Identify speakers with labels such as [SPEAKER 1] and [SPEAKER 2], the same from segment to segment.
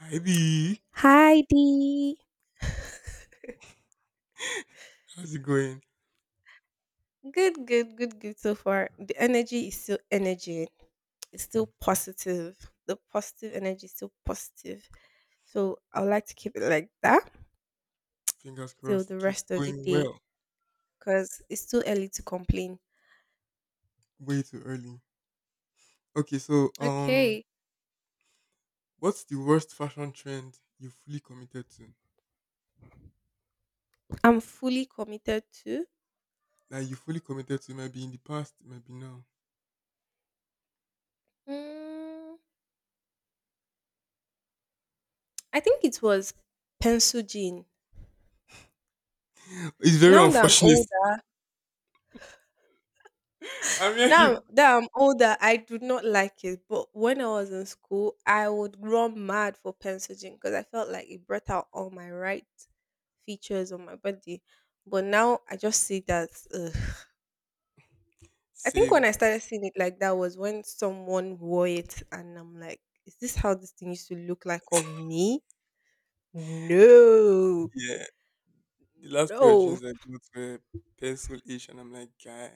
[SPEAKER 1] Hi B,
[SPEAKER 2] Hi Dee.
[SPEAKER 1] how's it going?
[SPEAKER 2] Good, good, good, good so far. The energy is still energy. It's still positive. The positive energy is still positive. So I would like to keep it like that
[SPEAKER 1] Fingers
[SPEAKER 2] till
[SPEAKER 1] crossed
[SPEAKER 2] the
[SPEAKER 1] it keeps
[SPEAKER 2] rest of the
[SPEAKER 1] going
[SPEAKER 2] day
[SPEAKER 1] well.
[SPEAKER 2] because it's too early to complain.
[SPEAKER 1] Way too early. Okay,
[SPEAKER 2] Okay.
[SPEAKER 1] what's the worst fashion trend you fully committed to?
[SPEAKER 2] I'm fully committed to.
[SPEAKER 1] That you fully committed to, it might be in the past, it might be now.
[SPEAKER 2] Mm, I think it was pencil jean.
[SPEAKER 1] It's very
[SPEAKER 2] Now that I'm
[SPEAKER 1] unfortunate.
[SPEAKER 2] old.
[SPEAKER 1] I mean,
[SPEAKER 2] Now
[SPEAKER 1] you
[SPEAKER 2] that I'm older, I do not like it. But when I was in school, I would run mad for pencil gin because I felt like it brought out all my right features on my body. But now I just see that. Ugh. I think when
[SPEAKER 1] same.
[SPEAKER 2] I started seeing it like that was when someone wore it, and I'm like, is this how this thing used to look like on me? No,
[SPEAKER 1] Yeah, the last pair of
[SPEAKER 2] no.
[SPEAKER 1] jeans I got were pencil ish, and I'm like, guy,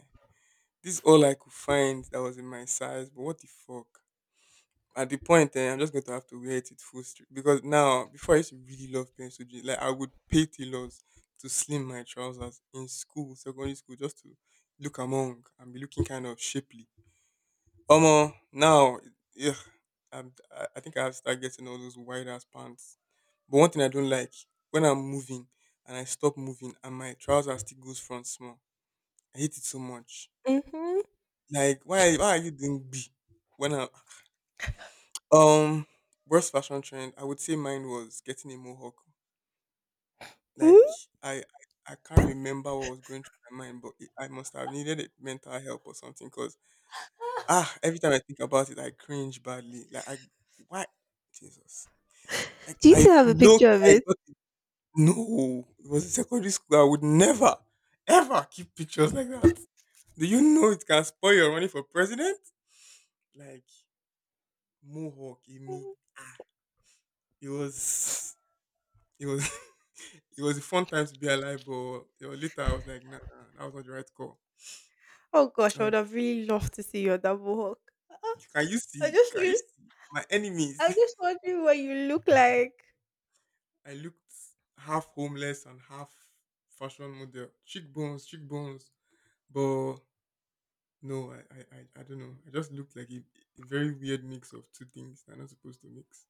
[SPEAKER 1] this is all I could find that was in my size. But what the fuck? At the point eh, I'm just going to have to wear it with full strength because now before I used to really love pencil jeans, like I would pay tailors to slim my trousers in school, secondary school, just to look among and be looking kind of shapely. Omo, now yeah, I'm, I think I have to start getting all those wide ass pants. But one thing I don't like when I'm moving and I stop moving and my trousers still goes front small. I hate it so much.
[SPEAKER 2] Mm-hmm.
[SPEAKER 1] Like why are you doing B when I Um, worst fashion trend, I would say mine was getting a mohawk. Like
[SPEAKER 2] Mm-hmm.
[SPEAKER 1] I, I, I can't remember what was going through my mind, but it, I must have needed it, mental help or something. Cause ah, every time I think about it, I cringe badly. Like I, why, Jesus? Like
[SPEAKER 2] Do you
[SPEAKER 1] I
[SPEAKER 2] still have a picture
[SPEAKER 1] look,
[SPEAKER 2] of
[SPEAKER 1] I
[SPEAKER 2] it?
[SPEAKER 1] got no. It was in secondary school. I would never, ever keep pictures like that. Do you know it can spoil your running for president? Like mohawk in me.
[SPEAKER 2] Mm-hmm.
[SPEAKER 1] Ah, it was, it was. It was a fun time to be alive, but later I was like, nah, nah, nah, that was not the right call.
[SPEAKER 2] Oh gosh,
[SPEAKER 1] All
[SPEAKER 2] I would
[SPEAKER 1] right.
[SPEAKER 2] have really loved to see your double hawk.
[SPEAKER 1] Can you
[SPEAKER 2] I
[SPEAKER 1] see?
[SPEAKER 2] just
[SPEAKER 1] Can you
[SPEAKER 2] wish
[SPEAKER 1] see my enemies?
[SPEAKER 2] I'm just wondering what you look like.
[SPEAKER 1] I looked half homeless and half fashion model, cheekbones, cheekbones, but no, I don't know. I just looked like a very weird mix of two things that are not supposed to mix.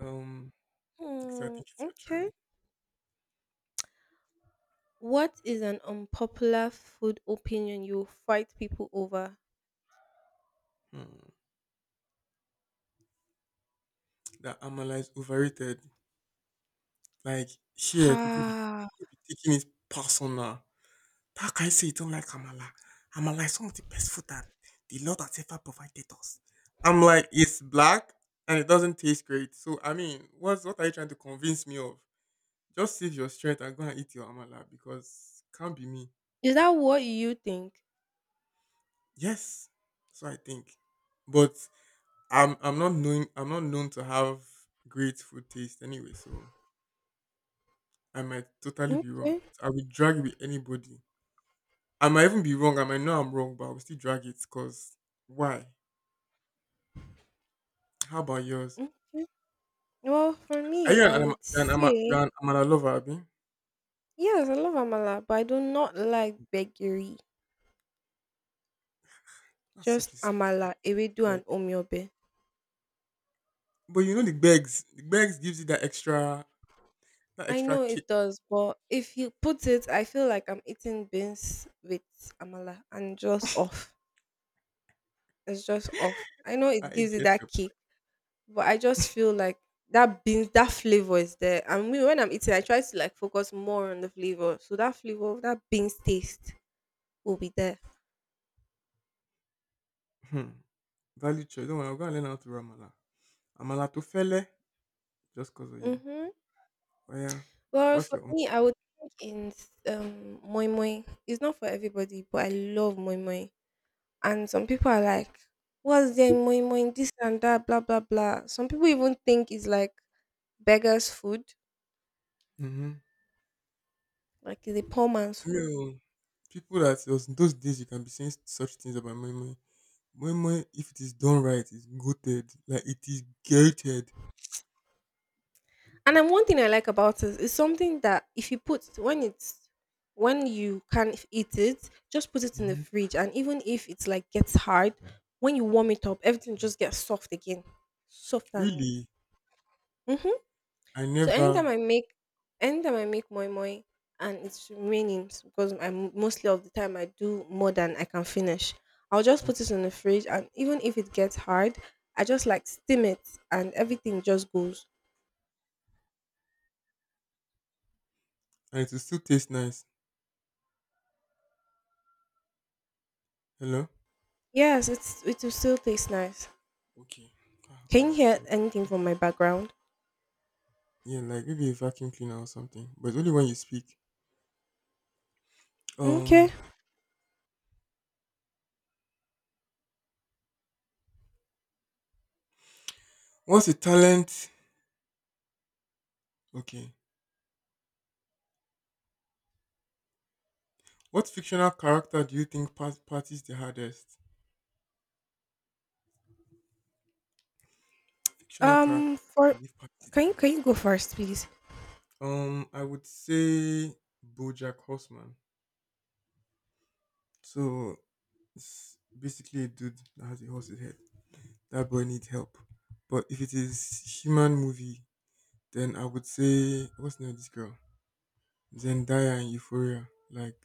[SPEAKER 1] Um, so I
[SPEAKER 2] Hmm,
[SPEAKER 1] think it's your
[SPEAKER 2] okay.
[SPEAKER 1] turn.
[SPEAKER 2] What is an unpopular food opinion you fight people over?
[SPEAKER 1] Hmm. That Amala is overrated. Like here,
[SPEAKER 2] Ah.
[SPEAKER 1] people be taking it personal. How can you say you don't like Amala? Amala is one of the best food that the Lord has ever provided us. I'm like, it's black and it doesn't taste great. So I mean, what are you trying to convince me of? Just save your strength and go and eat your Amala because can't be me.
[SPEAKER 2] Is that what you think?
[SPEAKER 1] Yes. So I think. But I'm not known I'm not known to have great food taste anyway, so I might totally be wrong.
[SPEAKER 2] Okay,
[SPEAKER 1] I will drag it with anybody. I might even be wrong. I might know I'm wrong, but I will still drag it because why? How about yours?
[SPEAKER 2] okay. Well, for
[SPEAKER 1] Are
[SPEAKER 2] me,
[SPEAKER 1] you an
[SPEAKER 2] I
[SPEAKER 1] am
[SPEAKER 2] would
[SPEAKER 1] you're an ama you're
[SPEAKER 2] say
[SPEAKER 1] an amala lover, abi?
[SPEAKER 2] yes, I love amala, but I do not like begiri.
[SPEAKER 1] That's
[SPEAKER 2] Just
[SPEAKER 1] such a
[SPEAKER 2] amala,
[SPEAKER 1] specific
[SPEAKER 2] ewedu, and
[SPEAKER 1] like
[SPEAKER 2] omyobe.
[SPEAKER 1] but you know the bags. The bags gives you that
[SPEAKER 2] I
[SPEAKER 1] extra
[SPEAKER 2] know
[SPEAKER 1] kick.
[SPEAKER 2] it does, but if you put it, I feel like I'm eating beans with amala and just off. It's just off. I know
[SPEAKER 1] I
[SPEAKER 2] it gives it
[SPEAKER 1] get it.
[SPEAKER 2] that kick, but I just feel like that beans, that flavor is there. And me, when I'm eating, I try to like focus more on the flavor. So that flavor, of that beans taste will be there.
[SPEAKER 1] Hmm. Value choice. Don't worry, I'm gonna learn how to do amala. Amala to fele just cause of you.
[SPEAKER 2] Mm-hmm.
[SPEAKER 1] Oh yeah.
[SPEAKER 2] Well,
[SPEAKER 1] What's
[SPEAKER 2] for
[SPEAKER 1] your own?
[SPEAKER 2] me, I would think in moi moi. It's not for everybody, but I love moi moi. And some people are like, what's there in moi moi? This and that, blah, blah, blah. Some people even think it's like beggar's food,
[SPEAKER 1] Mm-hmm.
[SPEAKER 2] like it's a poor man's food.
[SPEAKER 1] You people that those days you can be saying such things about moi moi. Moi moi, if it is done right, it's goated. Like it is gated.
[SPEAKER 2] And then one thing I like about it is something that if you put when it's when you can eat it, just put it in the
[SPEAKER 1] Hmm.
[SPEAKER 2] fridge, and even if it's like gets hard, when you warm it up, everything just gets soft again, soft and.
[SPEAKER 1] Really,
[SPEAKER 2] hmm
[SPEAKER 1] I
[SPEAKER 2] So
[SPEAKER 1] never.
[SPEAKER 2] anytime I make moi moi, and it's raining because I'm mostly of the time I do more than I can finish. I'll just put it in the fridge, and even if it gets hard, I just like steam it, and everything just goes.
[SPEAKER 1] And it will still taste nice. Hello?
[SPEAKER 2] Yes, it will still taste nice.
[SPEAKER 1] Okay. Ah,
[SPEAKER 2] Can
[SPEAKER 1] omo,
[SPEAKER 2] you hear
[SPEAKER 1] oh,
[SPEAKER 2] anything from my background?
[SPEAKER 1] yeah, like maybe a vacuum cleaner or something. But only when you speak.
[SPEAKER 2] Okay.
[SPEAKER 1] Um what's a talent? Okay. What fictional character do you think parties the hardest? Fictional character I
[SPEAKER 2] For
[SPEAKER 1] believe parties the
[SPEAKER 2] can you
[SPEAKER 1] hardest.
[SPEAKER 2] go first please?
[SPEAKER 1] I would say Bojack Horseman. So it's basically a dude that has a horse's head. That boy needs help. But if it is human movie, then I would say what's the name of this girl? Zendaya and Euphoria. Like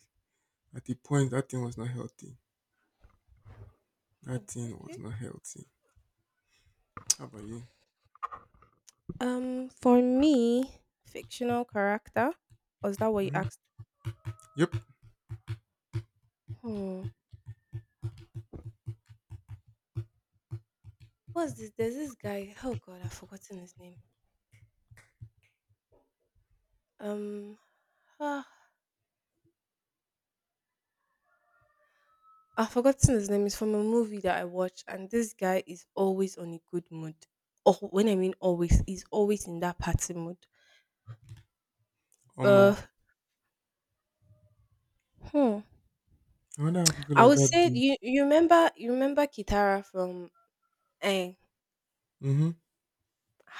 [SPEAKER 1] at the point that thing was not healthy.
[SPEAKER 2] Hmm,
[SPEAKER 1] That thing was
[SPEAKER 2] okay.
[SPEAKER 1] not healthy. How about you?
[SPEAKER 2] For me, fictional character. Or is that what you
[SPEAKER 1] Hmm.
[SPEAKER 2] asked?
[SPEAKER 1] Yep.
[SPEAKER 2] Hmm. What's this? There's this guy. Oh god, I've forgotten his name. Um ah, I've forgotten his name. It's from a movie that I watched and this guy is always on a good mood. Oh when I mean always, he's always in that party mood.
[SPEAKER 1] Omo.
[SPEAKER 2] Uh hmm.
[SPEAKER 1] I wonder how people
[SPEAKER 2] I
[SPEAKER 1] like
[SPEAKER 2] would
[SPEAKER 1] that
[SPEAKER 2] say
[SPEAKER 1] do.
[SPEAKER 2] you remember you remember Kitara from eh,
[SPEAKER 1] Mm-hmm.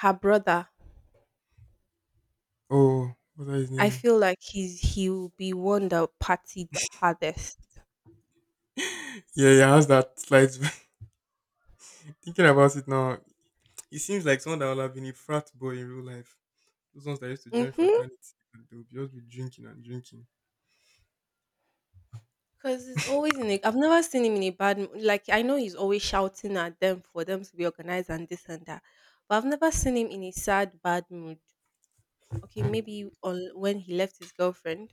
[SPEAKER 2] her brother,
[SPEAKER 1] Oh, what's that his
[SPEAKER 2] I
[SPEAKER 1] name?
[SPEAKER 2] feel like he'll be one that partied the hardest.
[SPEAKER 1] Yeah, yeah, how's that slight thinking about it now? It seems like someone that would have been a frat boy in real life. Those ones that used to join
[SPEAKER 2] Mhm.
[SPEAKER 1] fraternity and they would just be drinking and drinking.
[SPEAKER 2] Because he's always in a. I've never seen him in a bad. Like I know he's always shouting at them for them to be organized and this and that, but I've never seen him in a sad, bad mood. Okay, maybe on when he left his girlfriend.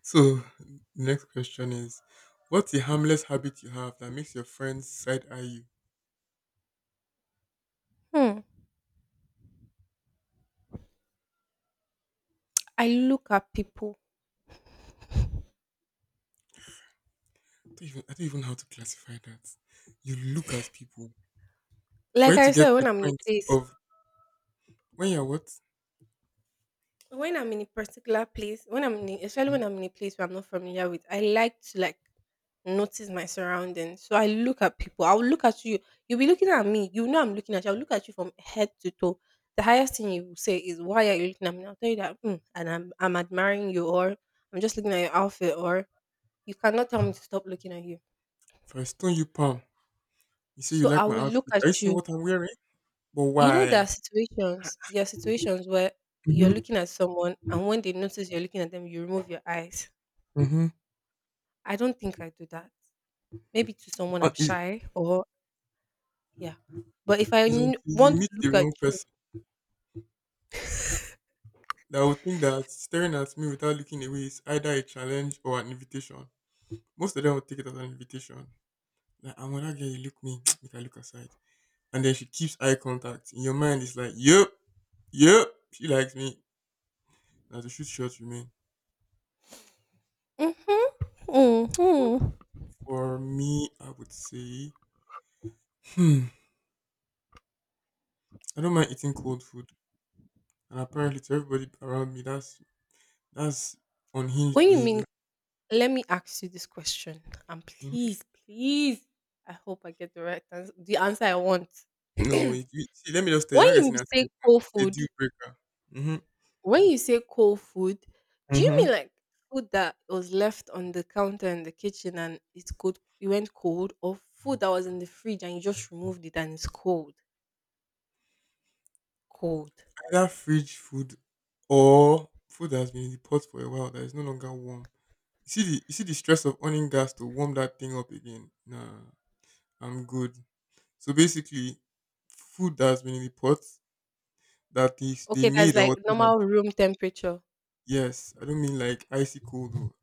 [SPEAKER 1] So the next question is what's a harmless habit you have that makes your friends side eye you?
[SPEAKER 2] Hmm. I look at people.
[SPEAKER 1] Don't even, I don't even know how to classify that. You look at people. For
[SPEAKER 2] Like
[SPEAKER 1] it to
[SPEAKER 2] I
[SPEAKER 1] get to
[SPEAKER 2] said,
[SPEAKER 1] the
[SPEAKER 2] when I'm in
[SPEAKER 1] point
[SPEAKER 2] a place,
[SPEAKER 1] of when you're what?
[SPEAKER 2] when I'm in a particular place, when I'm in, a, especially
[SPEAKER 1] Mhm.
[SPEAKER 2] when I'm in a place where I'm not familiar with, I like to like notice my surroundings. So I look at people. I will look at you. You'll be looking at me. You know I'm looking at you. I'll look at you from head to toe. The highest thing you will say is, "Why are you looking at me?" I'll tell you that, "Mm, and I'm admiring you, or I'm just looking at your outfit, or you cannot tell me to stop looking at you.
[SPEAKER 1] If I stone you palm, you say you
[SPEAKER 2] So I
[SPEAKER 1] like my
[SPEAKER 2] will look
[SPEAKER 1] outfit. Are you
[SPEAKER 2] at
[SPEAKER 1] seeing
[SPEAKER 2] you.
[SPEAKER 1] what I'm wearing? But
[SPEAKER 2] You know there are
[SPEAKER 1] why?
[SPEAKER 2] situations. There are situations where you're
[SPEAKER 1] Mm-hmm.
[SPEAKER 2] looking at someone, and when they notice you're looking at them, you remove your eyes.
[SPEAKER 1] Mm-hmm.
[SPEAKER 2] I don't think I do that. Maybe to someone I'm
[SPEAKER 1] It's
[SPEAKER 2] shy, or yeah. But if I
[SPEAKER 1] it's until you
[SPEAKER 2] want to
[SPEAKER 1] meet the
[SPEAKER 2] look at
[SPEAKER 1] wrong
[SPEAKER 2] you
[SPEAKER 1] person that will think that staring at me without looking away is either a challenge or an invitation. Most of them will take it as an invitation. Like, I'm gonna get you look me, make I look aside. And then she keeps eye contact. In your mind, it's like, yep, yep, she likes me. Now the shoot shots remain.
[SPEAKER 2] Mhm.
[SPEAKER 1] Well,
[SPEAKER 2] Mhm.
[SPEAKER 1] for me, I would say, hmm, I don't mind eating cold food, and apparently to everybody around me, that's unhinged
[SPEAKER 2] When you mean,
[SPEAKER 1] behavior.
[SPEAKER 2] let me ask you this question, and
[SPEAKER 1] Mhm.
[SPEAKER 2] please, please, I hope I get the right answer, the answer I want.
[SPEAKER 1] No,
[SPEAKER 2] when
[SPEAKER 1] you see, let me just tell you, you're not
[SPEAKER 2] you
[SPEAKER 1] getting an answer
[SPEAKER 2] say
[SPEAKER 1] you want.
[SPEAKER 2] cold
[SPEAKER 1] It's a
[SPEAKER 2] food,
[SPEAKER 1] deal breaker. Hmm.
[SPEAKER 2] when you say cold food, do you mean
[SPEAKER 1] Mm-hmm.
[SPEAKER 2] like food that was left on the counter in the kitchen and it's cold, it went cold, or food that was in the fridge and you just removed it and it's cold, cold?
[SPEAKER 1] Either fridge food or food that has been in the pot for a while that is no longer warm. You see the stress of owning gas to warm that thing up again. Nah, I'm good. So basically, food that has been in the pot that is they
[SPEAKER 2] Okay, that's
[SPEAKER 1] made or
[SPEAKER 2] like
[SPEAKER 1] whatever.
[SPEAKER 2] normal room temperature.
[SPEAKER 1] Yes, I don't mean like icy cold though,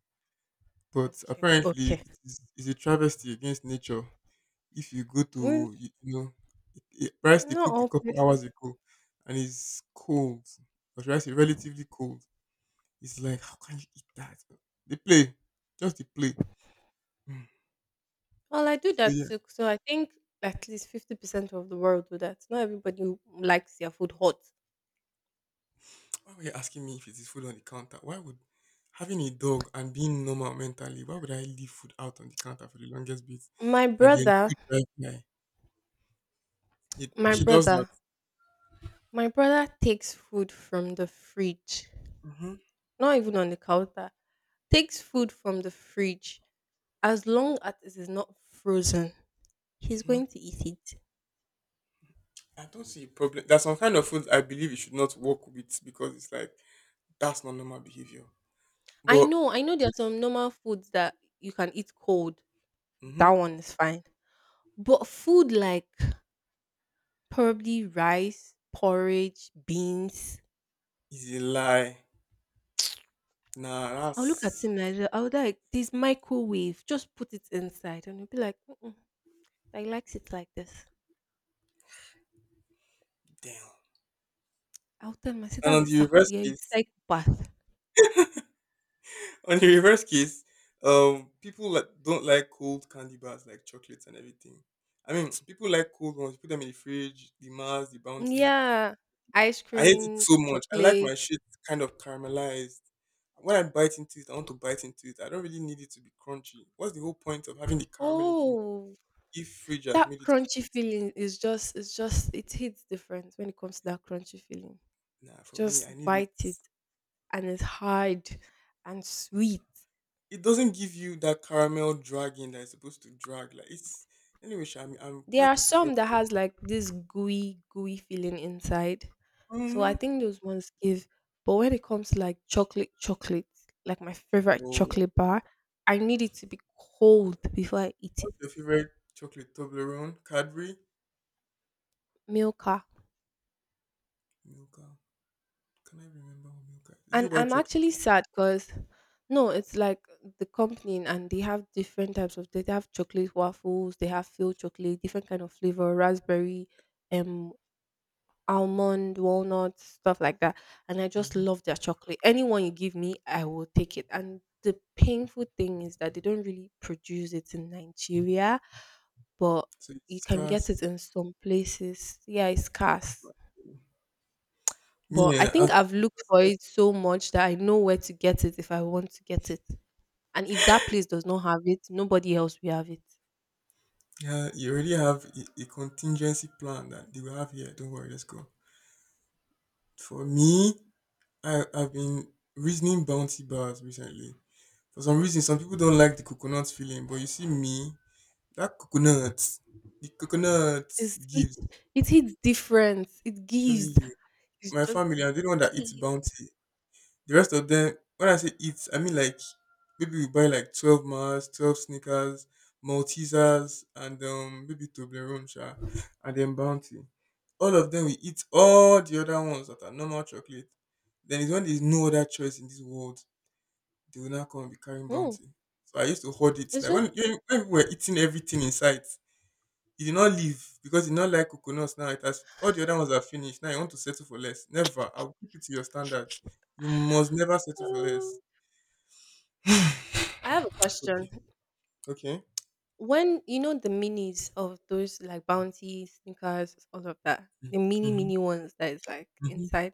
[SPEAKER 1] but
[SPEAKER 2] Okay,
[SPEAKER 1] apparently
[SPEAKER 2] okay.
[SPEAKER 1] it's a travesty against nature. If you go
[SPEAKER 2] Mm,
[SPEAKER 1] to you know rice they
[SPEAKER 2] not
[SPEAKER 1] cooked a
[SPEAKER 2] all
[SPEAKER 1] couple
[SPEAKER 2] places.
[SPEAKER 1] hours ago, and it's cold, or rice is relatively cold. It's like how can you eat that? They play, just the play. Mm.
[SPEAKER 2] Well, I do
[SPEAKER 1] So
[SPEAKER 2] that
[SPEAKER 1] yeah,
[SPEAKER 2] too. So I think at least 50% of the world do that. Not everybody who likes their food hot.
[SPEAKER 1] why were you asking me if it is food on the counter? Why would having a dog and being normal mentally, why would I leave food out on the counter for the longest bit,
[SPEAKER 2] My
[SPEAKER 1] and then
[SPEAKER 2] brother,
[SPEAKER 1] food right there? It
[SPEAKER 2] my
[SPEAKER 1] she does
[SPEAKER 2] brother,
[SPEAKER 1] that.
[SPEAKER 2] my brother takes food from the fridge. Not even on the counter. Takes food from the fridge. As long as it is not frozen, he's
[SPEAKER 1] Hmm.
[SPEAKER 2] going to eat it.
[SPEAKER 1] I don't see a problem. There's some kind of food I believe you should not work with because it's like that's not normal behavior. But
[SPEAKER 2] I know there are some normal foods that you can eat cold. That
[SPEAKER 1] mm-hmm,
[SPEAKER 2] one is fine. But food like probably rice, porridge, beans,
[SPEAKER 1] it's a lie. Nah,
[SPEAKER 2] I'll look at
[SPEAKER 1] that's
[SPEAKER 2] him like I'll be like this microwave, just put it inside, and he'll be like, Mm-mm, "I likes it like this."
[SPEAKER 1] damn.
[SPEAKER 2] I'll tell him, "I said
[SPEAKER 1] And
[SPEAKER 2] that's
[SPEAKER 1] on
[SPEAKER 2] a
[SPEAKER 1] the reverse
[SPEAKER 2] you're a
[SPEAKER 1] case,
[SPEAKER 2] psychopath."
[SPEAKER 1] on the reverse case, people like, don't like cold candy bars like chocolates and everything. I mean, people like cold ones. You put them in the fridge, the Mars, the Bounty.
[SPEAKER 2] Yeah, ice
[SPEAKER 1] I hate it
[SPEAKER 2] cream,
[SPEAKER 1] so much. I like my
[SPEAKER 2] chocolate.
[SPEAKER 1] shit kind of caramelized. When I bite into it, I want to bite into it. I don't really need it to be crunchy. What's the whole point of having the caramel in the meat
[SPEAKER 2] Oh,
[SPEAKER 1] if fridge has
[SPEAKER 2] that
[SPEAKER 1] made it
[SPEAKER 2] crunchy
[SPEAKER 1] cold?
[SPEAKER 2] feeling is just it's just it hits different when it comes to that crunchy feeling.
[SPEAKER 1] Nah, for me,
[SPEAKER 2] Just
[SPEAKER 1] I need it.
[SPEAKER 2] bite it, and it's hard and
[SPEAKER 1] Yeah.
[SPEAKER 2] sweet.
[SPEAKER 1] It doesn't give you that caramel dragging that it's supposed to drag. Like it's anyway. Sha, I'm
[SPEAKER 2] There are
[SPEAKER 1] quite a different.
[SPEAKER 2] some that has like this gooey, gooey feeling inside. So I
[SPEAKER 1] Mm-hmm.
[SPEAKER 2] think those ones give. But when it comes to like chocolate, chocolate, like my favorite
[SPEAKER 1] Oh,
[SPEAKER 2] chocolate bar, I need it to be cold before I eat it.
[SPEAKER 1] what's your favorite chocolate? Toblerone? Cadbury,
[SPEAKER 2] Milka.
[SPEAKER 1] Milka. Can I remember what Milka? Is
[SPEAKER 2] And
[SPEAKER 1] it white
[SPEAKER 2] I'm
[SPEAKER 1] chocolate?
[SPEAKER 2] actually sad because no, it's like the company and they have different types of they have chocolate waffles, they have filled chocolate, different kind of flavor, raspberry, um almond, walnuts, stuff like that. And I just
[SPEAKER 1] Mm-hmm.
[SPEAKER 2] love their chocolate. Anyone you give me, I will take it. And the painful thing is that they don't really produce it in Nigeria, but
[SPEAKER 1] So
[SPEAKER 2] you
[SPEAKER 1] it's
[SPEAKER 2] can get it
[SPEAKER 1] scarce.
[SPEAKER 2] in some places. Yeah, it's scarce.
[SPEAKER 1] Me,
[SPEAKER 2] But I
[SPEAKER 1] eh,
[SPEAKER 2] think I've looked for it so much that I know where to get it if I want to get it. And if that place does not have it, nobody else will have it.
[SPEAKER 1] yeah, you already have a contingency plan that they will have here. Don't worry, let's go. For me, I've been reasoning bounty bars recently. For some reason, some people don't like the coconut feeling, but you see me, that coconut, the coconut
[SPEAKER 2] It
[SPEAKER 1] gives,
[SPEAKER 2] it hits different. It
[SPEAKER 1] telling
[SPEAKER 2] gives.
[SPEAKER 1] you,
[SPEAKER 2] It's
[SPEAKER 1] my
[SPEAKER 2] just
[SPEAKER 1] family, I'm the only one that eats
[SPEAKER 2] gives.
[SPEAKER 1] bounty. The rest of them, when I say eat, I mean like maybe we buy like 12 Mars, 12 Snickers, Maltesers, and maybe Toblerone, sha, and then Bounty. All of them we eat all the other ones that are normal chocolate. Then it's when there's no other choice in this world, they will now come and be carrying
[SPEAKER 2] Mm.
[SPEAKER 1] Bounty. So I used to hoard it.
[SPEAKER 2] It's
[SPEAKER 1] Like
[SPEAKER 2] just.
[SPEAKER 1] when we were eating everything in sight, he did not leave because he did not like coconuts now. It has all the other ones are finished. Now you want to settle for less. Never. I'll keep it to your standards. You must never settle for
[SPEAKER 2] uh,
[SPEAKER 1] less.
[SPEAKER 2] I have a question.
[SPEAKER 1] Okay. Okay.
[SPEAKER 2] When you know the minis of those like bounty sneakers, all of that, the mini
[SPEAKER 1] Mm-hmm.
[SPEAKER 2] mini ones that is like
[SPEAKER 1] Mm-hmm.
[SPEAKER 2] inside.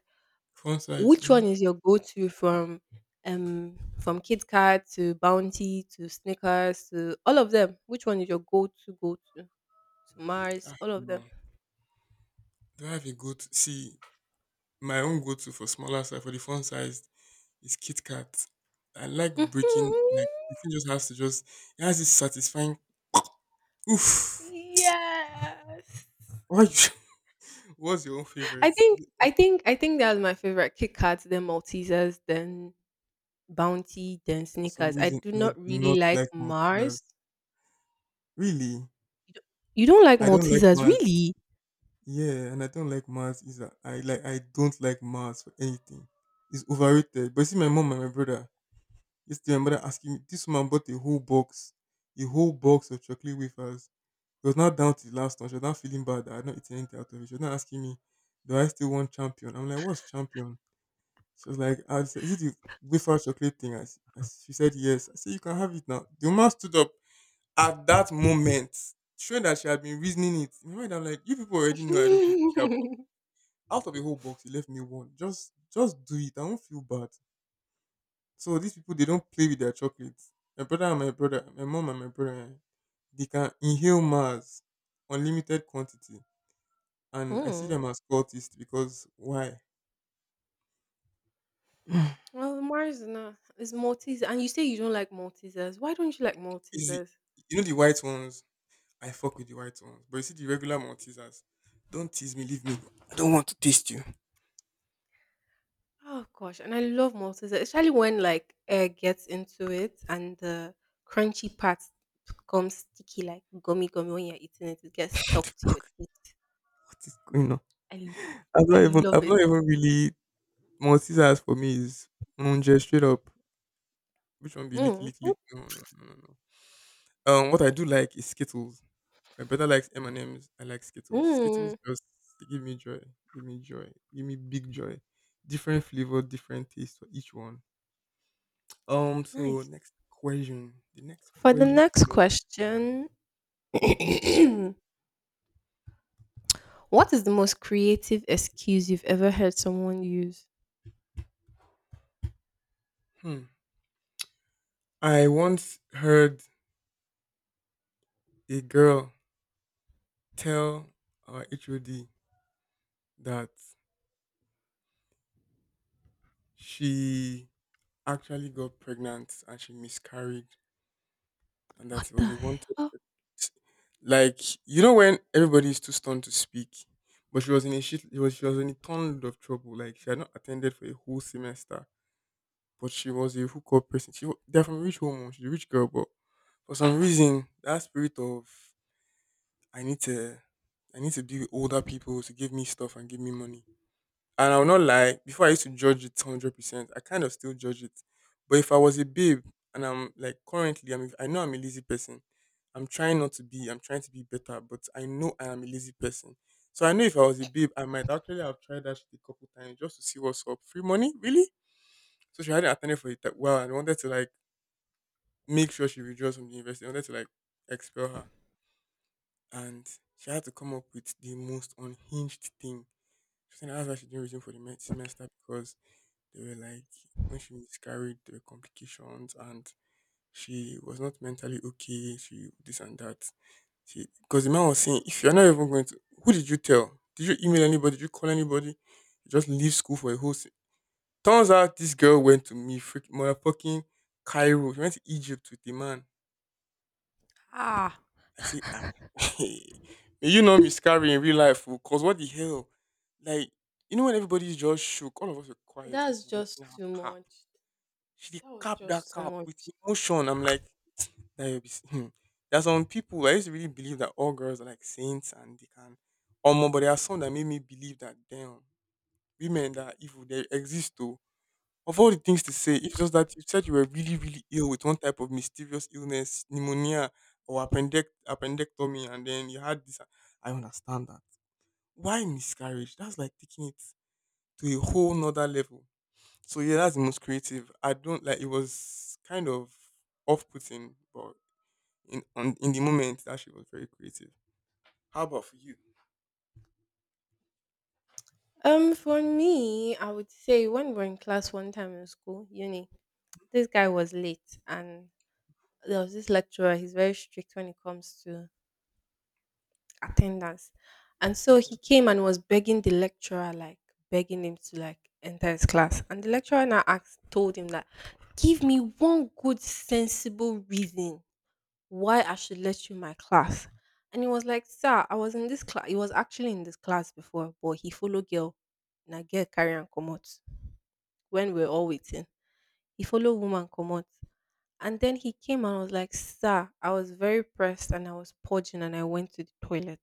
[SPEAKER 1] Font size.
[SPEAKER 2] Which
[SPEAKER 1] Mm-hmm.
[SPEAKER 2] one is your go to from Kit Kat to Bounty to Snickers to all of them? Which one is your go to? To Mars,
[SPEAKER 1] Ah,
[SPEAKER 2] all of them.
[SPEAKER 1] no. Do I have a goat? See, my own go-to for smaller size for the font size is Kit Kat. I like
[SPEAKER 2] Mhm.
[SPEAKER 1] breaking like the thing just has to just it has this satisfying oof.
[SPEAKER 2] Yes.
[SPEAKER 1] Why you- what's your own
[SPEAKER 2] I
[SPEAKER 1] favorite?
[SPEAKER 2] think I think I think that's my favorite. Kit Kats, then Maltesers, then Bounty, then
[SPEAKER 1] For some
[SPEAKER 2] Snickers. I
[SPEAKER 1] reason
[SPEAKER 2] do
[SPEAKER 1] I
[SPEAKER 2] not
[SPEAKER 1] do not
[SPEAKER 2] really like
[SPEAKER 1] like multigrass.
[SPEAKER 2] Mars.
[SPEAKER 1] Really?
[SPEAKER 2] You don't, you don't like
[SPEAKER 1] I don't like
[SPEAKER 2] Maltesers,
[SPEAKER 1] maths.
[SPEAKER 2] really?
[SPEAKER 1] Yeah, and I don't like maths either. I don't like maths for anything. It's overrated. But you see my mom and my brother. Yesterday my mother asking me, this woman bought a whole box of chocolate wafers. It was not down to the last one. She was not feeling bad that I had not eaten anything out of it. She was not asking me, do I still want champion? I'm like, what's champion? She was like, I said, is it the wafer chocolate thing? She said yes. I said you can have it now. The woman stood up at that moment, showing that she had been reasoning it. In my mind I'm like, you people already know I don't really care about, out of the whole box you left me one. Just do it. I won't feel bad. So these people, they don't play with their chocolates. My brother and my brother, My mom and my brother, they can inhale Mars, unlimited quantity. And I see
[SPEAKER 2] Hmm.
[SPEAKER 1] them as cultists because why?
[SPEAKER 2] Well, Mars is not. It's Maltese, and you say you don't like Maltesers. Why don't you like
[SPEAKER 1] Is it,
[SPEAKER 2] Maltesers?
[SPEAKER 1] the white ones? I fuck with the white ones. But you see the regular Maltesers. Don't tease me, leave me. I don't want to taste you.
[SPEAKER 2] Oh gosh, and I love Maltesers, especially when like air gets into it and the crunchy part becomes sticky, like gummy gummy. When you're eating it, it gets
[SPEAKER 1] What
[SPEAKER 2] stuck
[SPEAKER 1] the
[SPEAKER 2] to your
[SPEAKER 1] fuck?
[SPEAKER 2] teeth.
[SPEAKER 1] What is going on?
[SPEAKER 2] I
[SPEAKER 1] I've not
[SPEAKER 2] I
[SPEAKER 1] even
[SPEAKER 2] love
[SPEAKER 1] I've
[SPEAKER 2] it.
[SPEAKER 1] not even really... Maltesers for me is Munje straight up. Which one be lick
[SPEAKER 2] Mm.
[SPEAKER 1] lick
[SPEAKER 2] Mm.
[SPEAKER 1] lick? No, no, no, no, no. What I do like is Skittles. My brother likes M&M's. I like Skittles. Skittles
[SPEAKER 2] Mm.
[SPEAKER 1] just, they give me joy, give me joy, give me big joy. Different flavor, different taste for each one. So
[SPEAKER 2] Nice.
[SPEAKER 1] next question. The next
[SPEAKER 2] For the
[SPEAKER 1] question.
[SPEAKER 2] next question,
[SPEAKER 1] Mm-hmm.
[SPEAKER 2] what is the most creative excuse you've ever heard someone use?
[SPEAKER 1] Hmm. I once heard a girl tell our HOD that she actually got pregnant and she miscarried and
[SPEAKER 2] What
[SPEAKER 1] that it
[SPEAKER 2] the
[SPEAKER 1] was a wanted...
[SPEAKER 2] hell?
[SPEAKER 1] Like, you know, when everybody is too stunned to speak, but she was in a ton of trouble. Like, she had not attended for a whole semester, but she was a hookup person. They're from a rich home. Oh, she's a rich girl. But for some reason, that spirit of, i need to I need to be with older people to give me stuff and give me money. And I'll not lie, before I used to judge it 100%. I kind of still judge it. But if I was a babe... And I'm like, currently, I know I'm a lazy person. I'm trying not to be, I'm trying to be better, but I know I am a lazy person. So I know if I was a babe, I might actually have tried that shit a couple times just to see what's up. Free money? Really? So she hadn't attended for it that well and wanted to like make sure she withdraws from the university. I wanted to like expel her. And she had to come up with the most unhinged thing. She said that's why she didn't resume for the semester. Because they were like, when she miscarried, there were complications, and she was not mentally okay. She this and that. She Because the man was saying, if you're not even going to, who did you tell? Did you email anybody? Did you call anybody? You just leave school for a whole. Turns out this girl went to me freaking motherfucking Cairo. She went to Egypt with the man.
[SPEAKER 2] Ah,
[SPEAKER 1] I say, ah, may you not miscarry in real life, fool. Cause what the hell? Like, you know, when everybody's just shook, all of us are quiet, just
[SPEAKER 2] that's
[SPEAKER 1] watching
[SPEAKER 2] just
[SPEAKER 1] her
[SPEAKER 2] too
[SPEAKER 1] cap.
[SPEAKER 2] much.
[SPEAKER 1] She dey
[SPEAKER 2] That was
[SPEAKER 1] cap that
[SPEAKER 2] just too
[SPEAKER 1] cap with
[SPEAKER 2] much.
[SPEAKER 1] emotion. I'm like, that you'll be hmm. There's some people I used to really believe that all girls are like saints and they can but there are some that made me believe that, damn, women that are evil, they exist too. Of all the things to say, it's just that you said you were really, really ill with one type of mysterious illness, pneumonia or appendectomy, and then you had this. I understand that. Why miscarriage? That's like taking it to a whole nother level. So yeah, that's the most creative. I don't like... It was kind of off putting, but in the moment, that she was very creative. How about for you?
[SPEAKER 2] For me, I would say when we were in class one time in school, uni, this guy was late and there was this lecturer, he's very strict when it comes to attendance. And so he
[SPEAKER 1] Okay.
[SPEAKER 2] came and was begging the lecturer, like begging him to like enter his class. And the lecturer now asked, told him that, give me one good sensible reason why I should let you in my class. And he was like, sir, I was in this class. He was actually in this class before, but he followed girl. Na girl carry and come out when we were all waiting. He followed woman come out. And then he came and was like, sir, I was very pressed and I was purging and I went to the toilet.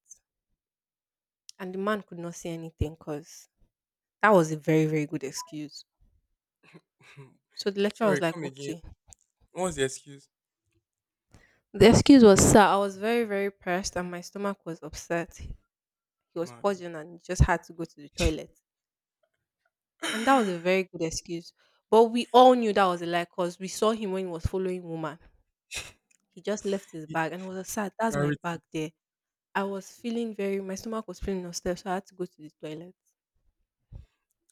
[SPEAKER 2] And the man could not say anything because that was a very, very good excuse. So the lecturer
[SPEAKER 1] Sorry,
[SPEAKER 2] was like,
[SPEAKER 1] come again.
[SPEAKER 2] okay.
[SPEAKER 1] What was the excuse?
[SPEAKER 2] The excuse was, sir, I was very, very pressed and my stomach was upset. He was
[SPEAKER 1] Mado.
[SPEAKER 2] purging and he just had to go to the toilet. And that was a very good excuse. But we all knew that was a lie because we saw him when he was following woman. He just left his bag and was like, sir, that's my
[SPEAKER 1] Clarity.
[SPEAKER 2] bag there. I was feeling very, my stomach was feeling upset, so I had to go to the toilet.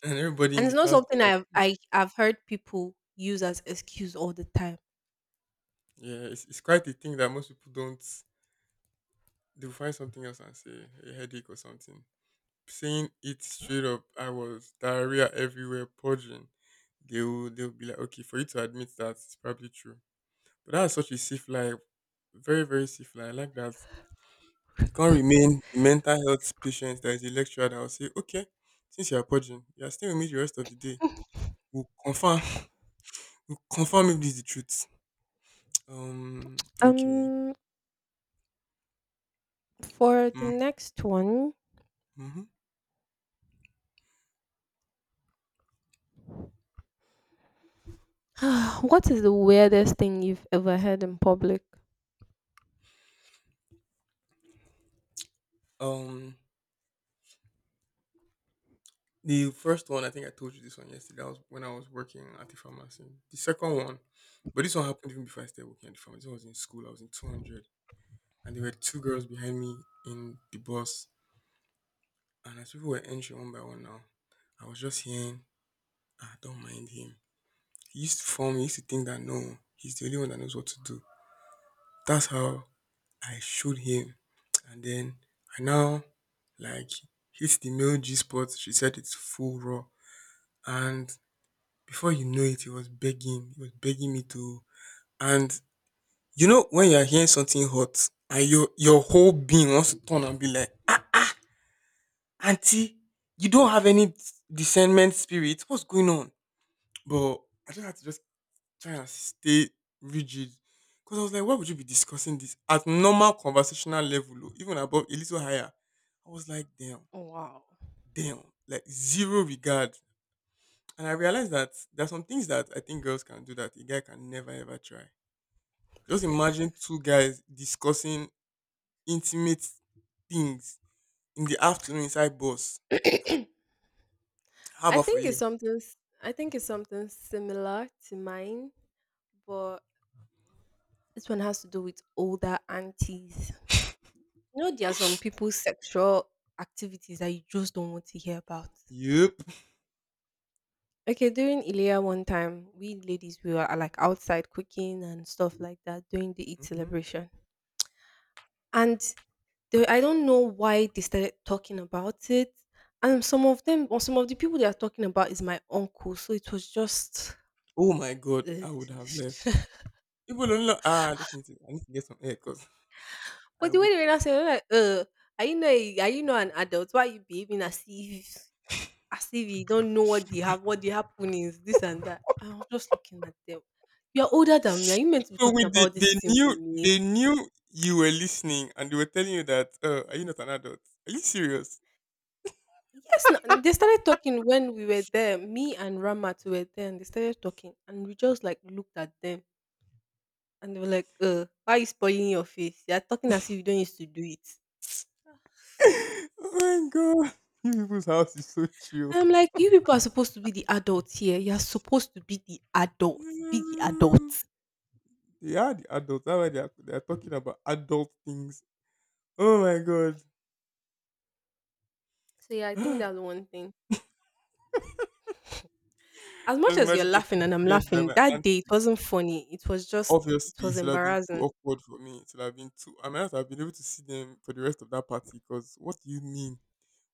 [SPEAKER 1] And everybody
[SPEAKER 2] And
[SPEAKER 1] in the
[SPEAKER 2] it's not
[SPEAKER 1] class be
[SPEAKER 2] something
[SPEAKER 1] like,
[SPEAKER 2] I've heard people use as excuse all the time.
[SPEAKER 1] yeah, it's quite a thing that most people don't. They'll find something else and say a headache or something. Saying it straight up, I was diarrhea everywhere, purging. They'll be like, okay, for you to admit that it's probably true. But that's such a safe lie. Very, very safe lie. I like that. You can't remain the mental health patient that is a lecturer that will say, okay, since you're purging, you're staying with me the rest of the day. We'll confirm, we'll confirm if this is the truth. Okay.
[SPEAKER 2] Um, For the
[SPEAKER 1] Mm.
[SPEAKER 2] next one,
[SPEAKER 1] Mm-hmm.
[SPEAKER 2] what is the weirdest thing you've ever heard in public?
[SPEAKER 1] Um, the first one, I think I told you this one yesterday. That was when I was working at the pharmacy. The second one, but this one happened even before I started working at the pharmacy. This one was in school. I was in 200. And there were two girls behind me in the bus. And as people were entering one by one now, I was just hearing, ah, don't mind him. He used to think that no, he's the only one that knows what to do. That's how I showed him. And then I now, like, hit the male G spot. She said it's full raw. And before you know it, he was begging. He was begging me to. And, when you're hearing something hot and your whole being wants to turn and be like, ah, ah, auntie, you don't have any discernment spirit. What's going on? But I just had to just try and stay rigid. Because I was like, why would you be discussing this at normal conversational level, oh, even above, a little higher? I was like, damn,
[SPEAKER 2] Wow.
[SPEAKER 1] damn, like zero regard. And I realized that there are some things that I think girls can do that a guy can never ever try. Just imagine two guys discussing intimate things in the afternoon inside bus.
[SPEAKER 2] I
[SPEAKER 1] How about for
[SPEAKER 2] think
[SPEAKER 1] you?
[SPEAKER 2] it's something. s- I think it's something similar to mine, but this one has to do with older aunties. You know, there are some people's sexual activities that you just don't want to hear about.
[SPEAKER 1] Yep.
[SPEAKER 2] Okay, during Ilia one time, we ladies we were like outside cooking and stuff like that during the Eid
[SPEAKER 1] hmm
[SPEAKER 2] celebration. And they I don't know why they started talking about it. And some of them or some of the people they are talking about is my uncle. So it was just
[SPEAKER 1] Oh my god,
[SPEAKER 2] ugh.
[SPEAKER 1] I would have left. People don't know. Ah, I just need to... I need to get some air because I
[SPEAKER 2] But the
[SPEAKER 1] would...
[SPEAKER 2] way they were now saying like, are you not an adult? Why are you behaving as if you don't know what the happening is, this and that. I was just looking at them. You're older than me. Are you meant to be
[SPEAKER 1] So
[SPEAKER 2] talking
[SPEAKER 1] with the...
[SPEAKER 2] about this
[SPEAKER 1] they
[SPEAKER 2] thing
[SPEAKER 1] knew
[SPEAKER 2] with me?
[SPEAKER 1] they knew you were listening, and they were telling you that, are you not an adult? Are you serious?
[SPEAKER 2] Yes, they started talking when we were there. Me and Ramat were there, and they started talking, and we just like looked at them. And they were like, why are you spoiling your face? You're talking as if you don't used to do it.
[SPEAKER 1] Oh my god. You people's house is so chill.
[SPEAKER 2] And I'm like, you people are supposed to be the adults here. You're supposed to be the adult. Be the
[SPEAKER 1] Yeah.
[SPEAKER 2] adult.
[SPEAKER 1] They are the adults. That's why they are talking about adult things. Oh my god.
[SPEAKER 2] So yeah, I think that's one thing. As
[SPEAKER 1] Just
[SPEAKER 2] much as you're
[SPEAKER 1] imagine getting
[SPEAKER 2] laughing and I'm
[SPEAKER 1] cleared by
[SPEAKER 2] laughing,
[SPEAKER 1] my
[SPEAKER 2] that
[SPEAKER 1] aunt.
[SPEAKER 2] day it wasn't funny. It was just, it
[SPEAKER 1] Obviously, it
[SPEAKER 2] was
[SPEAKER 1] would have been too
[SPEAKER 2] embarrassing.
[SPEAKER 1] awkward for me. It would have been too... I might not have been able to see them for the rest of that party because what do you mean?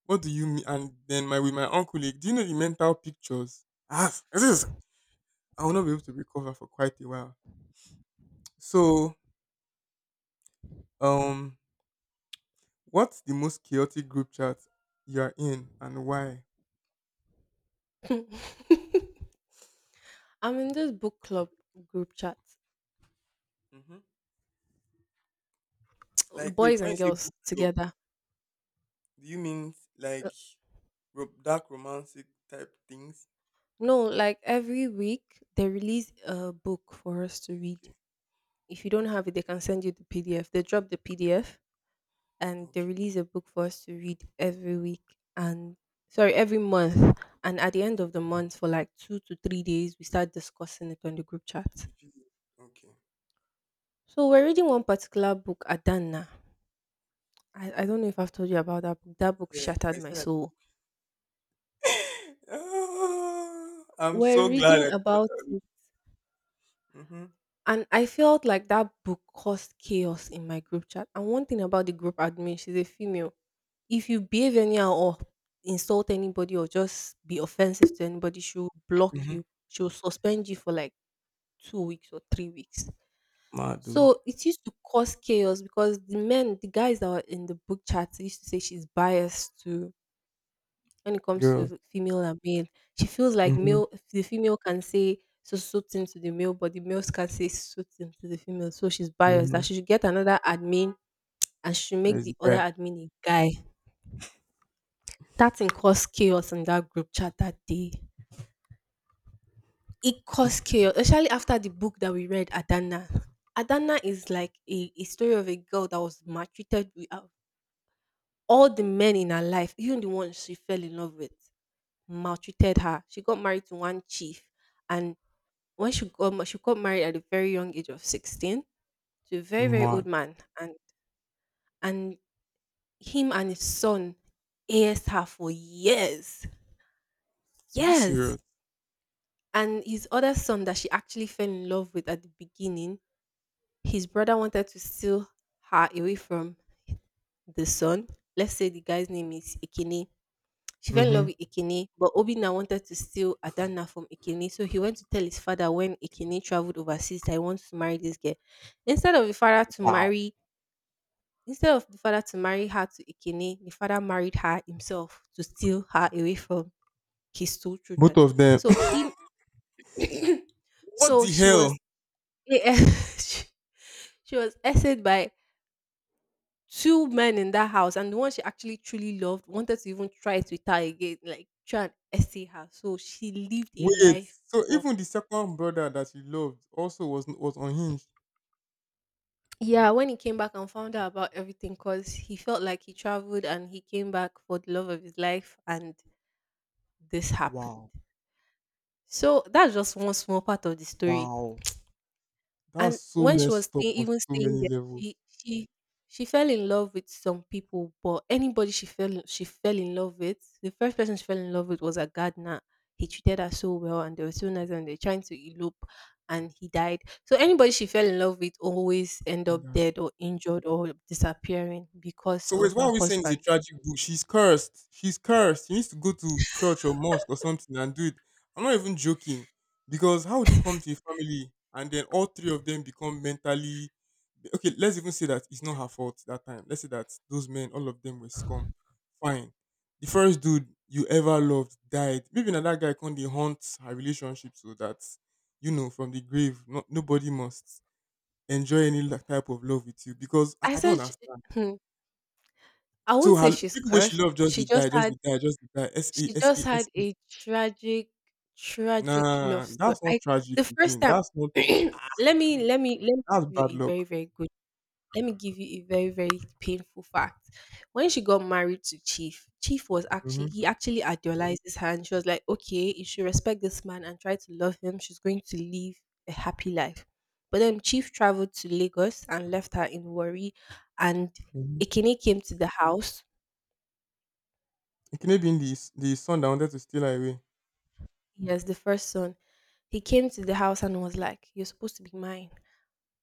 [SPEAKER 1] What do you mean? And then, my with my uncle, like, do you know the mental pictures? Ah, I will not be able to recover for quite a while. So, um, what's the most chaotic group chat you are in and why?
[SPEAKER 2] I'm in this book club group chat,
[SPEAKER 1] hmm Like, wait,
[SPEAKER 2] boys
[SPEAKER 1] when you
[SPEAKER 2] and
[SPEAKER 1] say
[SPEAKER 2] girls
[SPEAKER 1] book club,
[SPEAKER 2] together.
[SPEAKER 1] do you mean like dark romantic type things?
[SPEAKER 2] No, like every week they release a book for us to read.
[SPEAKER 1] Okay,
[SPEAKER 2] If you don't have
[SPEAKER 1] okay,
[SPEAKER 2] it, they can send you the PDF. They drop the PDF and they
[SPEAKER 1] okay,
[SPEAKER 2] release a book for us to read every week and sorry, every month. And at the end of the month, for like 2 to 3 days, we start discussing it on the group chat.
[SPEAKER 1] okay.
[SPEAKER 2] So we're reading one particular book, Adana. I don't know if I've told you about that book. That book
[SPEAKER 1] Yeah,
[SPEAKER 2] shattered
[SPEAKER 1] I
[SPEAKER 2] my
[SPEAKER 1] said that.
[SPEAKER 2] soul.
[SPEAKER 1] Ah, I'm
[SPEAKER 2] We're
[SPEAKER 1] so glad I
[SPEAKER 2] reading
[SPEAKER 1] did
[SPEAKER 2] about
[SPEAKER 1] not.
[SPEAKER 2] it.
[SPEAKER 1] Mm-hmm.
[SPEAKER 2] And I felt like that book caused chaos in my group chat. And one thing about the group admin, she's a female. If you behave anyhow or insult anybody or just be offensive to anybody, she'll block
[SPEAKER 1] Mm-hmm.
[SPEAKER 2] you. She'll suspend you for like 2 weeks or 3 weeks.
[SPEAKER 1] Mad, though.
[SPEAKER 2] So it used to cause chaos because the men, the guys that were in the book chat used to say she's biased to when it comes
[SPEAKER 1] Girls.
[SPEAKER 2] to female and male. She feels like
[SPEAKER 1] Mm-hmm.
[SPEAKER 2] male the female can say so thing to the male, but the males can say so thing to the female. So she's biased that
[SPEAKER 1] Mhm.
[SPEAKER 2] she should get another admin and she should make
[SPEAKER 1] There's a
[SPEAKER 2] the other
[SPEAKER 1] guy,
[SPEAKER 2] admin a guy. That thing caused chaos in that group chat that day. It caused chaos, especially after the book that we read, Adana. Adana is like a story of a girl that was maltreated with all the men in her life, even the ones she fell in love with, maltreated her. She got married to one chief, and when she got ma- she got married at a very young age of 16 to a very very old
[SPEAKER 1] Mark.
[SPEAKER 2] man, and and him and his son, AS her for years,
[SPEAKER 1] Are you serious?
[SPEAKER 2] years. And his other son that she actually fell in love with at the beginning, his brother wanted to steal her away from the son. Let's say the guy's name is Ikene. She fell in love
[SPEAKER 1] Mhm.
[SPEAKER 2] with Ikene, but Obina wanted to steal Adana from Ikene. So he went to tell his father when Ikene traveled overseas that he wants to marry this girl. Instead of the father to
[SPEAKER 1] Wow.
[SPEAKER 2] marry instead of the father to marry her to Ikene, the father married her himself to steal her away from his two
[SPEAKER 1] Both
[SPEAKER 2] children.
[SPEAKER 1] of them.
[SPEAKER 2] So he,
[SPEAKER 1] What
[SPEAKER 2] so
[SPEAKER 1] the
[SPEAKER 2] she was
[SPEAKER 1] hell?
[SPEAKER 2] Yeah, she, she was essayed by two men in that house, and the one she actually truly loved wanted to even try it with her again, like try and essay her. So she lived a
[SPEAKER 1] Wait.
[SPEAKER 2] life
[SPEAKER 1] So
[SPEAKER 2] of.
[SPEAKER 1] even the second brother that he loved also was unhinged.
[SPEAKER 2] Yeah. When he came back and found out about everything, because he felt like he traveled and he came back for the love of his life, and this happened.
[SPEAKER 1] Wow.
[SPEAKER 2] So that's just one small part of the story.
[SPEAKER 1] Wow. That's
[SPEAKER 2] And
[SPEAKER 1] so
[SPEAKER 2] when she was
[SPEAKER 1] messed up
[SPEAKER 2] staying
[SPEAKER 1] on
[SPEAKER 2] even
[SPEAKER 1] so
[SPEAKER 2] staying
[SPEAKER 1] many
[SPEAKER 2] there,
[SPEAKER 1] levels.
[SPEAKER 2] she she she fell in love with some people, but anybody she fell in love with, the first person she fell in love with was a gardener. He treated her so well, and they were so nice, and they're trying to elope, and he died. So anybody she fell in love with always end
[SPEAKER 1] And
[SPEAKER 2] up
[SPEAKER 1] that-
[SPEAKER 2] dead or injured or disappearing because
[SPEAKER 1] So wait,
[SPEAKER 2] of
[SPEAKER 1] why are
[SPEAKER 2] her
[SPEAKER 1] we saying it's a
[SPEAKER 2] husband.
[SPEAKER 1] tragic book? She's cursed. She's cursed. She needs to go to church or mosque or something and do it. I'm not even joking. Because how would you come to a family and then all three of them become mentally... Okay, let's even say that it's not her fault that time. Let's say that those men, all of them were scum. Fine. The first dude you ever loved died. Maybe now that guy can not haunt her relationship so that, from the grave, no, nobody must enjoy any type of love with you, because I,
[SPEAKER 2] I
[SPEAKER 1] I don't
[SPEAKER 2] said, she-
[SPEAKER 1] understand.
[SPEAKER 2] hmm, I
[SPEAKER 1] So
[SPEAKER 2] won't say she's
[SPEAKER 1] people where she
[SPEAKER 2] cursed.
[SPEAKER 1] loved just did die, just did die, just did die. S A
[SPEAKER 2] She
[SPEAKER 1] S
[SPEAKER 2] just
[SPEAKER 1] A S
[SPEAKER 2] had
[SPEAKER 1] A.
[SPEAKER 2] a tragic, tragic
[SPEAKER 1] Nah,
[SPEAKER 2] love story.
[SPEAKER 1] that's not
[SPEAKER 2] I
[SPEAKER 1] tragic
[SPEAKER 2] the first
[SPEAKER 1] again.
[SPEAKER 2] time
[SPEAKER 1] That's not. Ah,
[SPEAKER 2] Let me
[SPEAKER 1] that's bad luck.
[SPEAKER 2] give you a very, very painful fact. When she got married to Chief, Chief was actually
[SPEAKER 1] Mm-hmm.
[SPEAKER 2] he actually idolizes her and she was like, okay, you should respect this man and try to love him. She's going to live a happy life. But then Chief traveled to Lagos and left her in worry and
[SPEAKER 1] Mm-hmm.
[SPEAKER 2] Ekene came to the house.
[SPEAKER 1] It can be in the son that wanted to steal her away.
[SPEAKER 2] Yes, the first son. He came to the house and was like, you're supposed to be mine.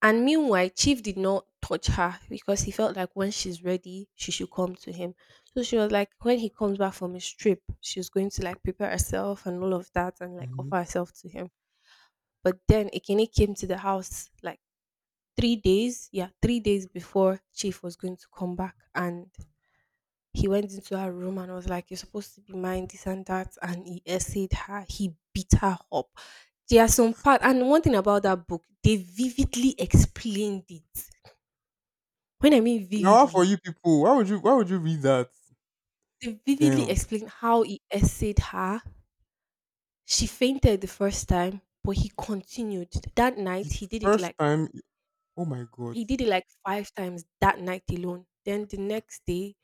[SPEAKER 2] And meanwhile, Chief did not touch her because he felt like when she's ready, she should come to him. So she was like, when he comes back from his trip, she's going to like prepare herself and all of that and like
[SPEAKER 1] Mm-hmm.
[SPEAKER 2] offer herself to him. But then Ekene came to the house like 3 days, yeah, 3 days before Chief was going to come back. And he went into her room and was like, you're supposed to be mine, this and that. And he essayed her, he beat her up. There are some part, and one thing about that book, they vividly explained it. When I mean
[SPEAKER 1] Now, how for
[SPEAKER 2] vividly,
[SPEAKER 1] you people? Why would you? Why would you read that?
[SPEAKER 2] they vividly
[SPEAKER 1] Damn.
[SPEAKER 2] explained how he essayed her. She fainted the first time, but he continued. That night,
[SPEAKER 1] The first time. Oh my god.
[SPEAKER 2] he did it like 5 times that night alone. Then the next day,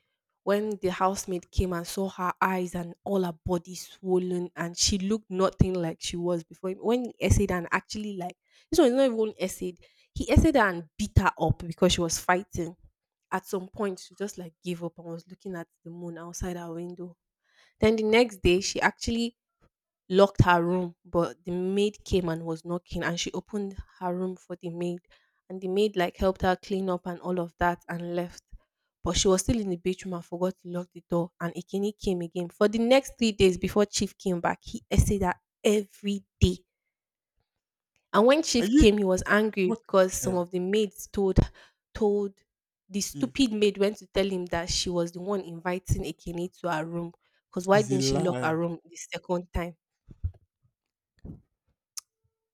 [SPEAKER 2] when the housemaid came and saw her eyes and all her body swollen and she looked nothing like she was before. When he essayed, and actually, like, this one is not even essayed. He essayed her and beat her up because she was fighting. At some point, she just like gave up and was looking at the moon outside her window. Then the next day, she actually locked her room, but the maid came and was knocking and she opened her room for the maid and the maid like helped her clean up and all of that and left. But she was still in the bedroom and forgot to lock the door and Ikini came again. For the next 3 days before Chief came back, he essayed her every day. And when
[SPEAKER 1] Are
[SPEAKER 2] Chief
[SPEAKER 1] you?
[SPEAKER 2] came, he was angry
[SPEAKER 1] What
[SPEAKER 2] because
[SPEAKER 1] the
[SPEAKER 2] some
[SPEAKER 1] hell,
[SPEAKER 2] of the maids told told the
[SPEAKER 1] Chief?
[SPEAKER 2] stupid maid went to tell him that she was the one inviting Ikini to her room. Because why
[SPEAKER 1] Is a
[SPEAKER 2] didn't she lock her
[SPEAKER 1] lie.
[SPEAKER 2] room the second time?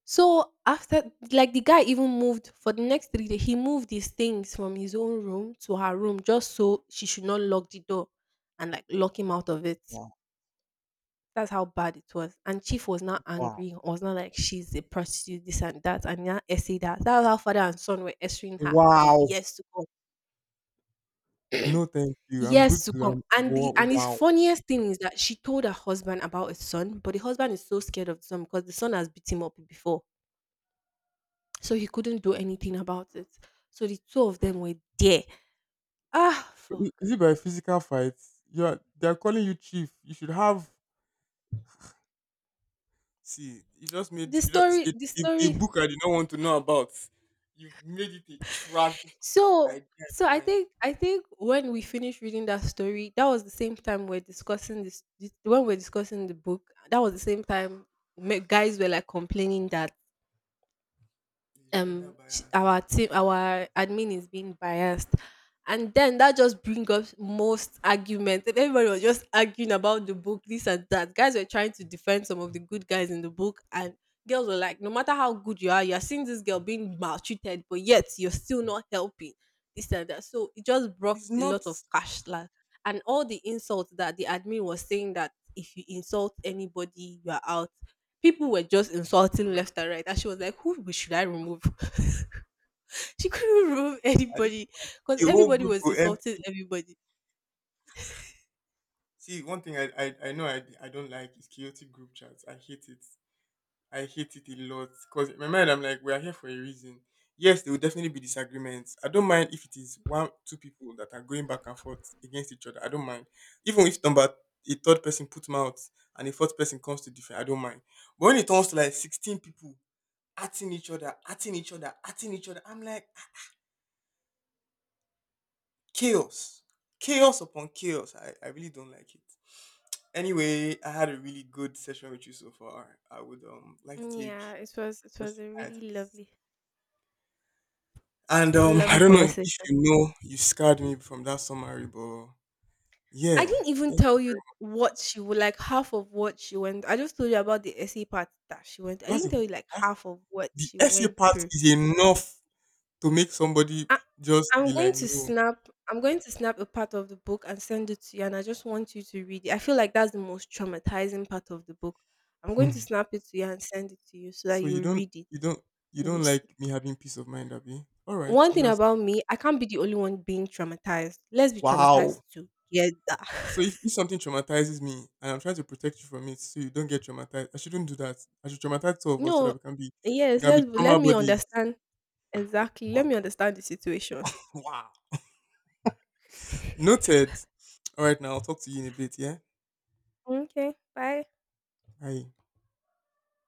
[SPEAKER 2] So after like the guy even moved for the next 3 days, he moved his things from his own room to her room just so she should not lock the door and like lock him out of it.
[SPEAKER 1] Wow.
[SPEAKER 2] That's how bad it was. And Chief was not
[SPEAKER 1] Wow.
[SPEAKER 2] angry, was not like she's a prostitute, this and that, and not essay that. That's how father and son were essaying her for
[SPEAKER 1] Wow.
[SPEAKER 2] years to come.
[SPEAKER 1] No, thank you. I'm
[SPEAKER 2] Years
[SPEAKER 1] good
[SPEAKER 2] to
[SPEAKER 1] to.
[SPEAKER 2] come.
[SPEAKER 1] I'm
[SPEAKER 2] And
[SPEAKER 1] wow.
[SPEAKER 2] the and his
[SPEAKER 1] Wow.
[SPEAKER 2] funniest thing is that she told her husband about his son, but the husband is so scared of the son because the son has beat him up before. So he couldn't do anything about it. So the two of them were there. Ah,
[SPEAKER 1] So
[SPEAKER 2] fuck.
[SPEAKER 1] is it by physical fights? You are. They are calling you Chief. You should have. See, you just made
[SPEAKER 2] The
[SPEAKER 1] you just,
[SPEAKER 2] story,
[SPEAKER 1] a,
[SPEAKER 2] the
[SPEAKER 1] a, a
[SPEAKER 2] story.
[SPEAKER 1] book I did not want to know about. You've made it a tragic
[SPEAKER 2] So,
[SPEAKER 1] idea
[SPEAKER 2] so,
[SPEAKER 1] in
[SPEAKER 2] I
[SPEAKER 1] my mind.
[SPEAKER 2] think, I think when we finished reading that story, that was the same time we're discussing this. When we're discussing the book, that was the same time guys were like complaining that
[SPEAKER 1] It's gender bias.
[SPEAKER 2] our admin is being biased, and then that just brings up most arguments and everybody was just arguing about the book this and that, guys were trying to defend some of the good guys in the book and girls were like, no matter how good you are, you're seeing this girl being maltreated but yet you're still not helping, this and that, so it just brought
[SPEAKER 1] It's
[SPEAKER 2] a lot
[SPEAKER 1] not.
[SPEAKER 2] of clash. And all the insults that the admin was saying that if you insult anybody you are out, people were just insulting
[SPEAKER 1] Mm.
[SPEAKER 2] left and right, and she was like, "Who should I remove?" She couldn't remove
[SPEAKER 1] I,
[SPEAKER 2] anybody
[SPEAKER 1] the
[SPEAKER 2] because
[SPEAKER 1] whole
[SPEAKER 2] everybody
[SPEAKER 1] group
[SPEAKER 2] was
[SPEAKER 1] go
[SPEAKER 2] insulting
[SPEAKER 1] empty.
[SPEAKER 2] everybody.
[SPEAKER 1] See, one thing I know I don't like is chaotic group chats. I hate it. I hate it a lot because in my mind I'm like we are here for a reason. Yes, there will definitely be disagreements. I don't mind if it is one two people that are going back and forth against each other. I don't mind. Even if number a third person puts mouth and a fourth person comes to defend, I don't mind. But when it comes to like 16 people atting each other, atting each other, atting each other, I'm like, "Ah, chaos, chaos upon chaos." I really don't like it. Anyway, I had a really good session with you so far. I would like to take
[SPEAKER 2] Yeah, it was
[SPEAKER 1] just a minute. And
[SPEAKER 2] a
[SPEAKER 1] I
[SPEAKER 2] lovely
[SPEAKER 1] don't know
[SPEAKER 2] conversation.
[SPEAKER 1] if you know you scarred me from that summary, but yeah.
[SPEAKER 2] I didn't even
[SPEAKER 1] Thank
[SPEAKER 2] tell
[SPEAKER 1] you.
[SPEAKER 2] you what she would like half of what she went. I just told you about the essay part that she went. I
[SPEAKER 1] That's, a,
[SPEAKER 2] didn't tell you like
[SPEAKER 1] that's
[SPEAKER 2] half of what
[SPEAKER 1] the
[SPEAKER 2] she
[SPEAKER 1] essay
[SPEAKER 2] went
[SPEAKER 1] part
[SPEAKER 2] through.
[SPEAKER 1] is enough to make somebody
[SPEAKER 2] I
[SPEAKER 1] just
[SPEAKER 2] I'm
[SPEAKER 1] be
[SPEAKER 2] going
[SPEAKER 1] like
[SPEAKER 2] to
[SPEAKER 1] no.
[SPEAKER 2] snap I'm going to snap a part of the book and send it to you, and I just want you to read it. I feel like that's the most traumatizing part of the book. I'm going to
[SPEAKER 1] Hmm.
[SPEAKER 2] snap it to you and send it to you so
[SPEAKER 1] So
[SPEAKER 2] that you read it
[SPEAKER 1] you don't you
[SPEAKER 2] and you
[SPEAKER 1] don't
[SPEAKER 2] see.
[SPEAKER 1] like me having peace of mind, Abby? All right,
[SPEAKER 2] One thing
[SPEAKER 1] understood.
[SPEAKER 2] about me, I can't be the only one being traumatized. Let's be
[SPEAKER 1] Wow.
[SPEAKER 2] traumatized together.
[SPEAKER 1] So if something traumatizes me and I'm trying to protect you from it so you don't get traumatized, I shouldn't do that. I should traumatize two of us so that
[SPEAKER 2] No,
[SPEAKER 1] we can be we
[SPEAKER 2] yes,
[SPEAKER 1] can be
[SPEAKER 2] let
[SPEAKER 1] trauma
[SPEAKER 2] me
[SPEAKER 1] bodies.
[SPEAKER 2] understand exactly. Let me
[SPEAKER 1] Wow.
[SPEAKER 2] understand the situation.
[SPEAKER 1] Wow. Noted. All right now, I'll talk to you in a bit, yeah?
[SPEAKER 2] Okay, bye.
[SPEAKER 1] Bye.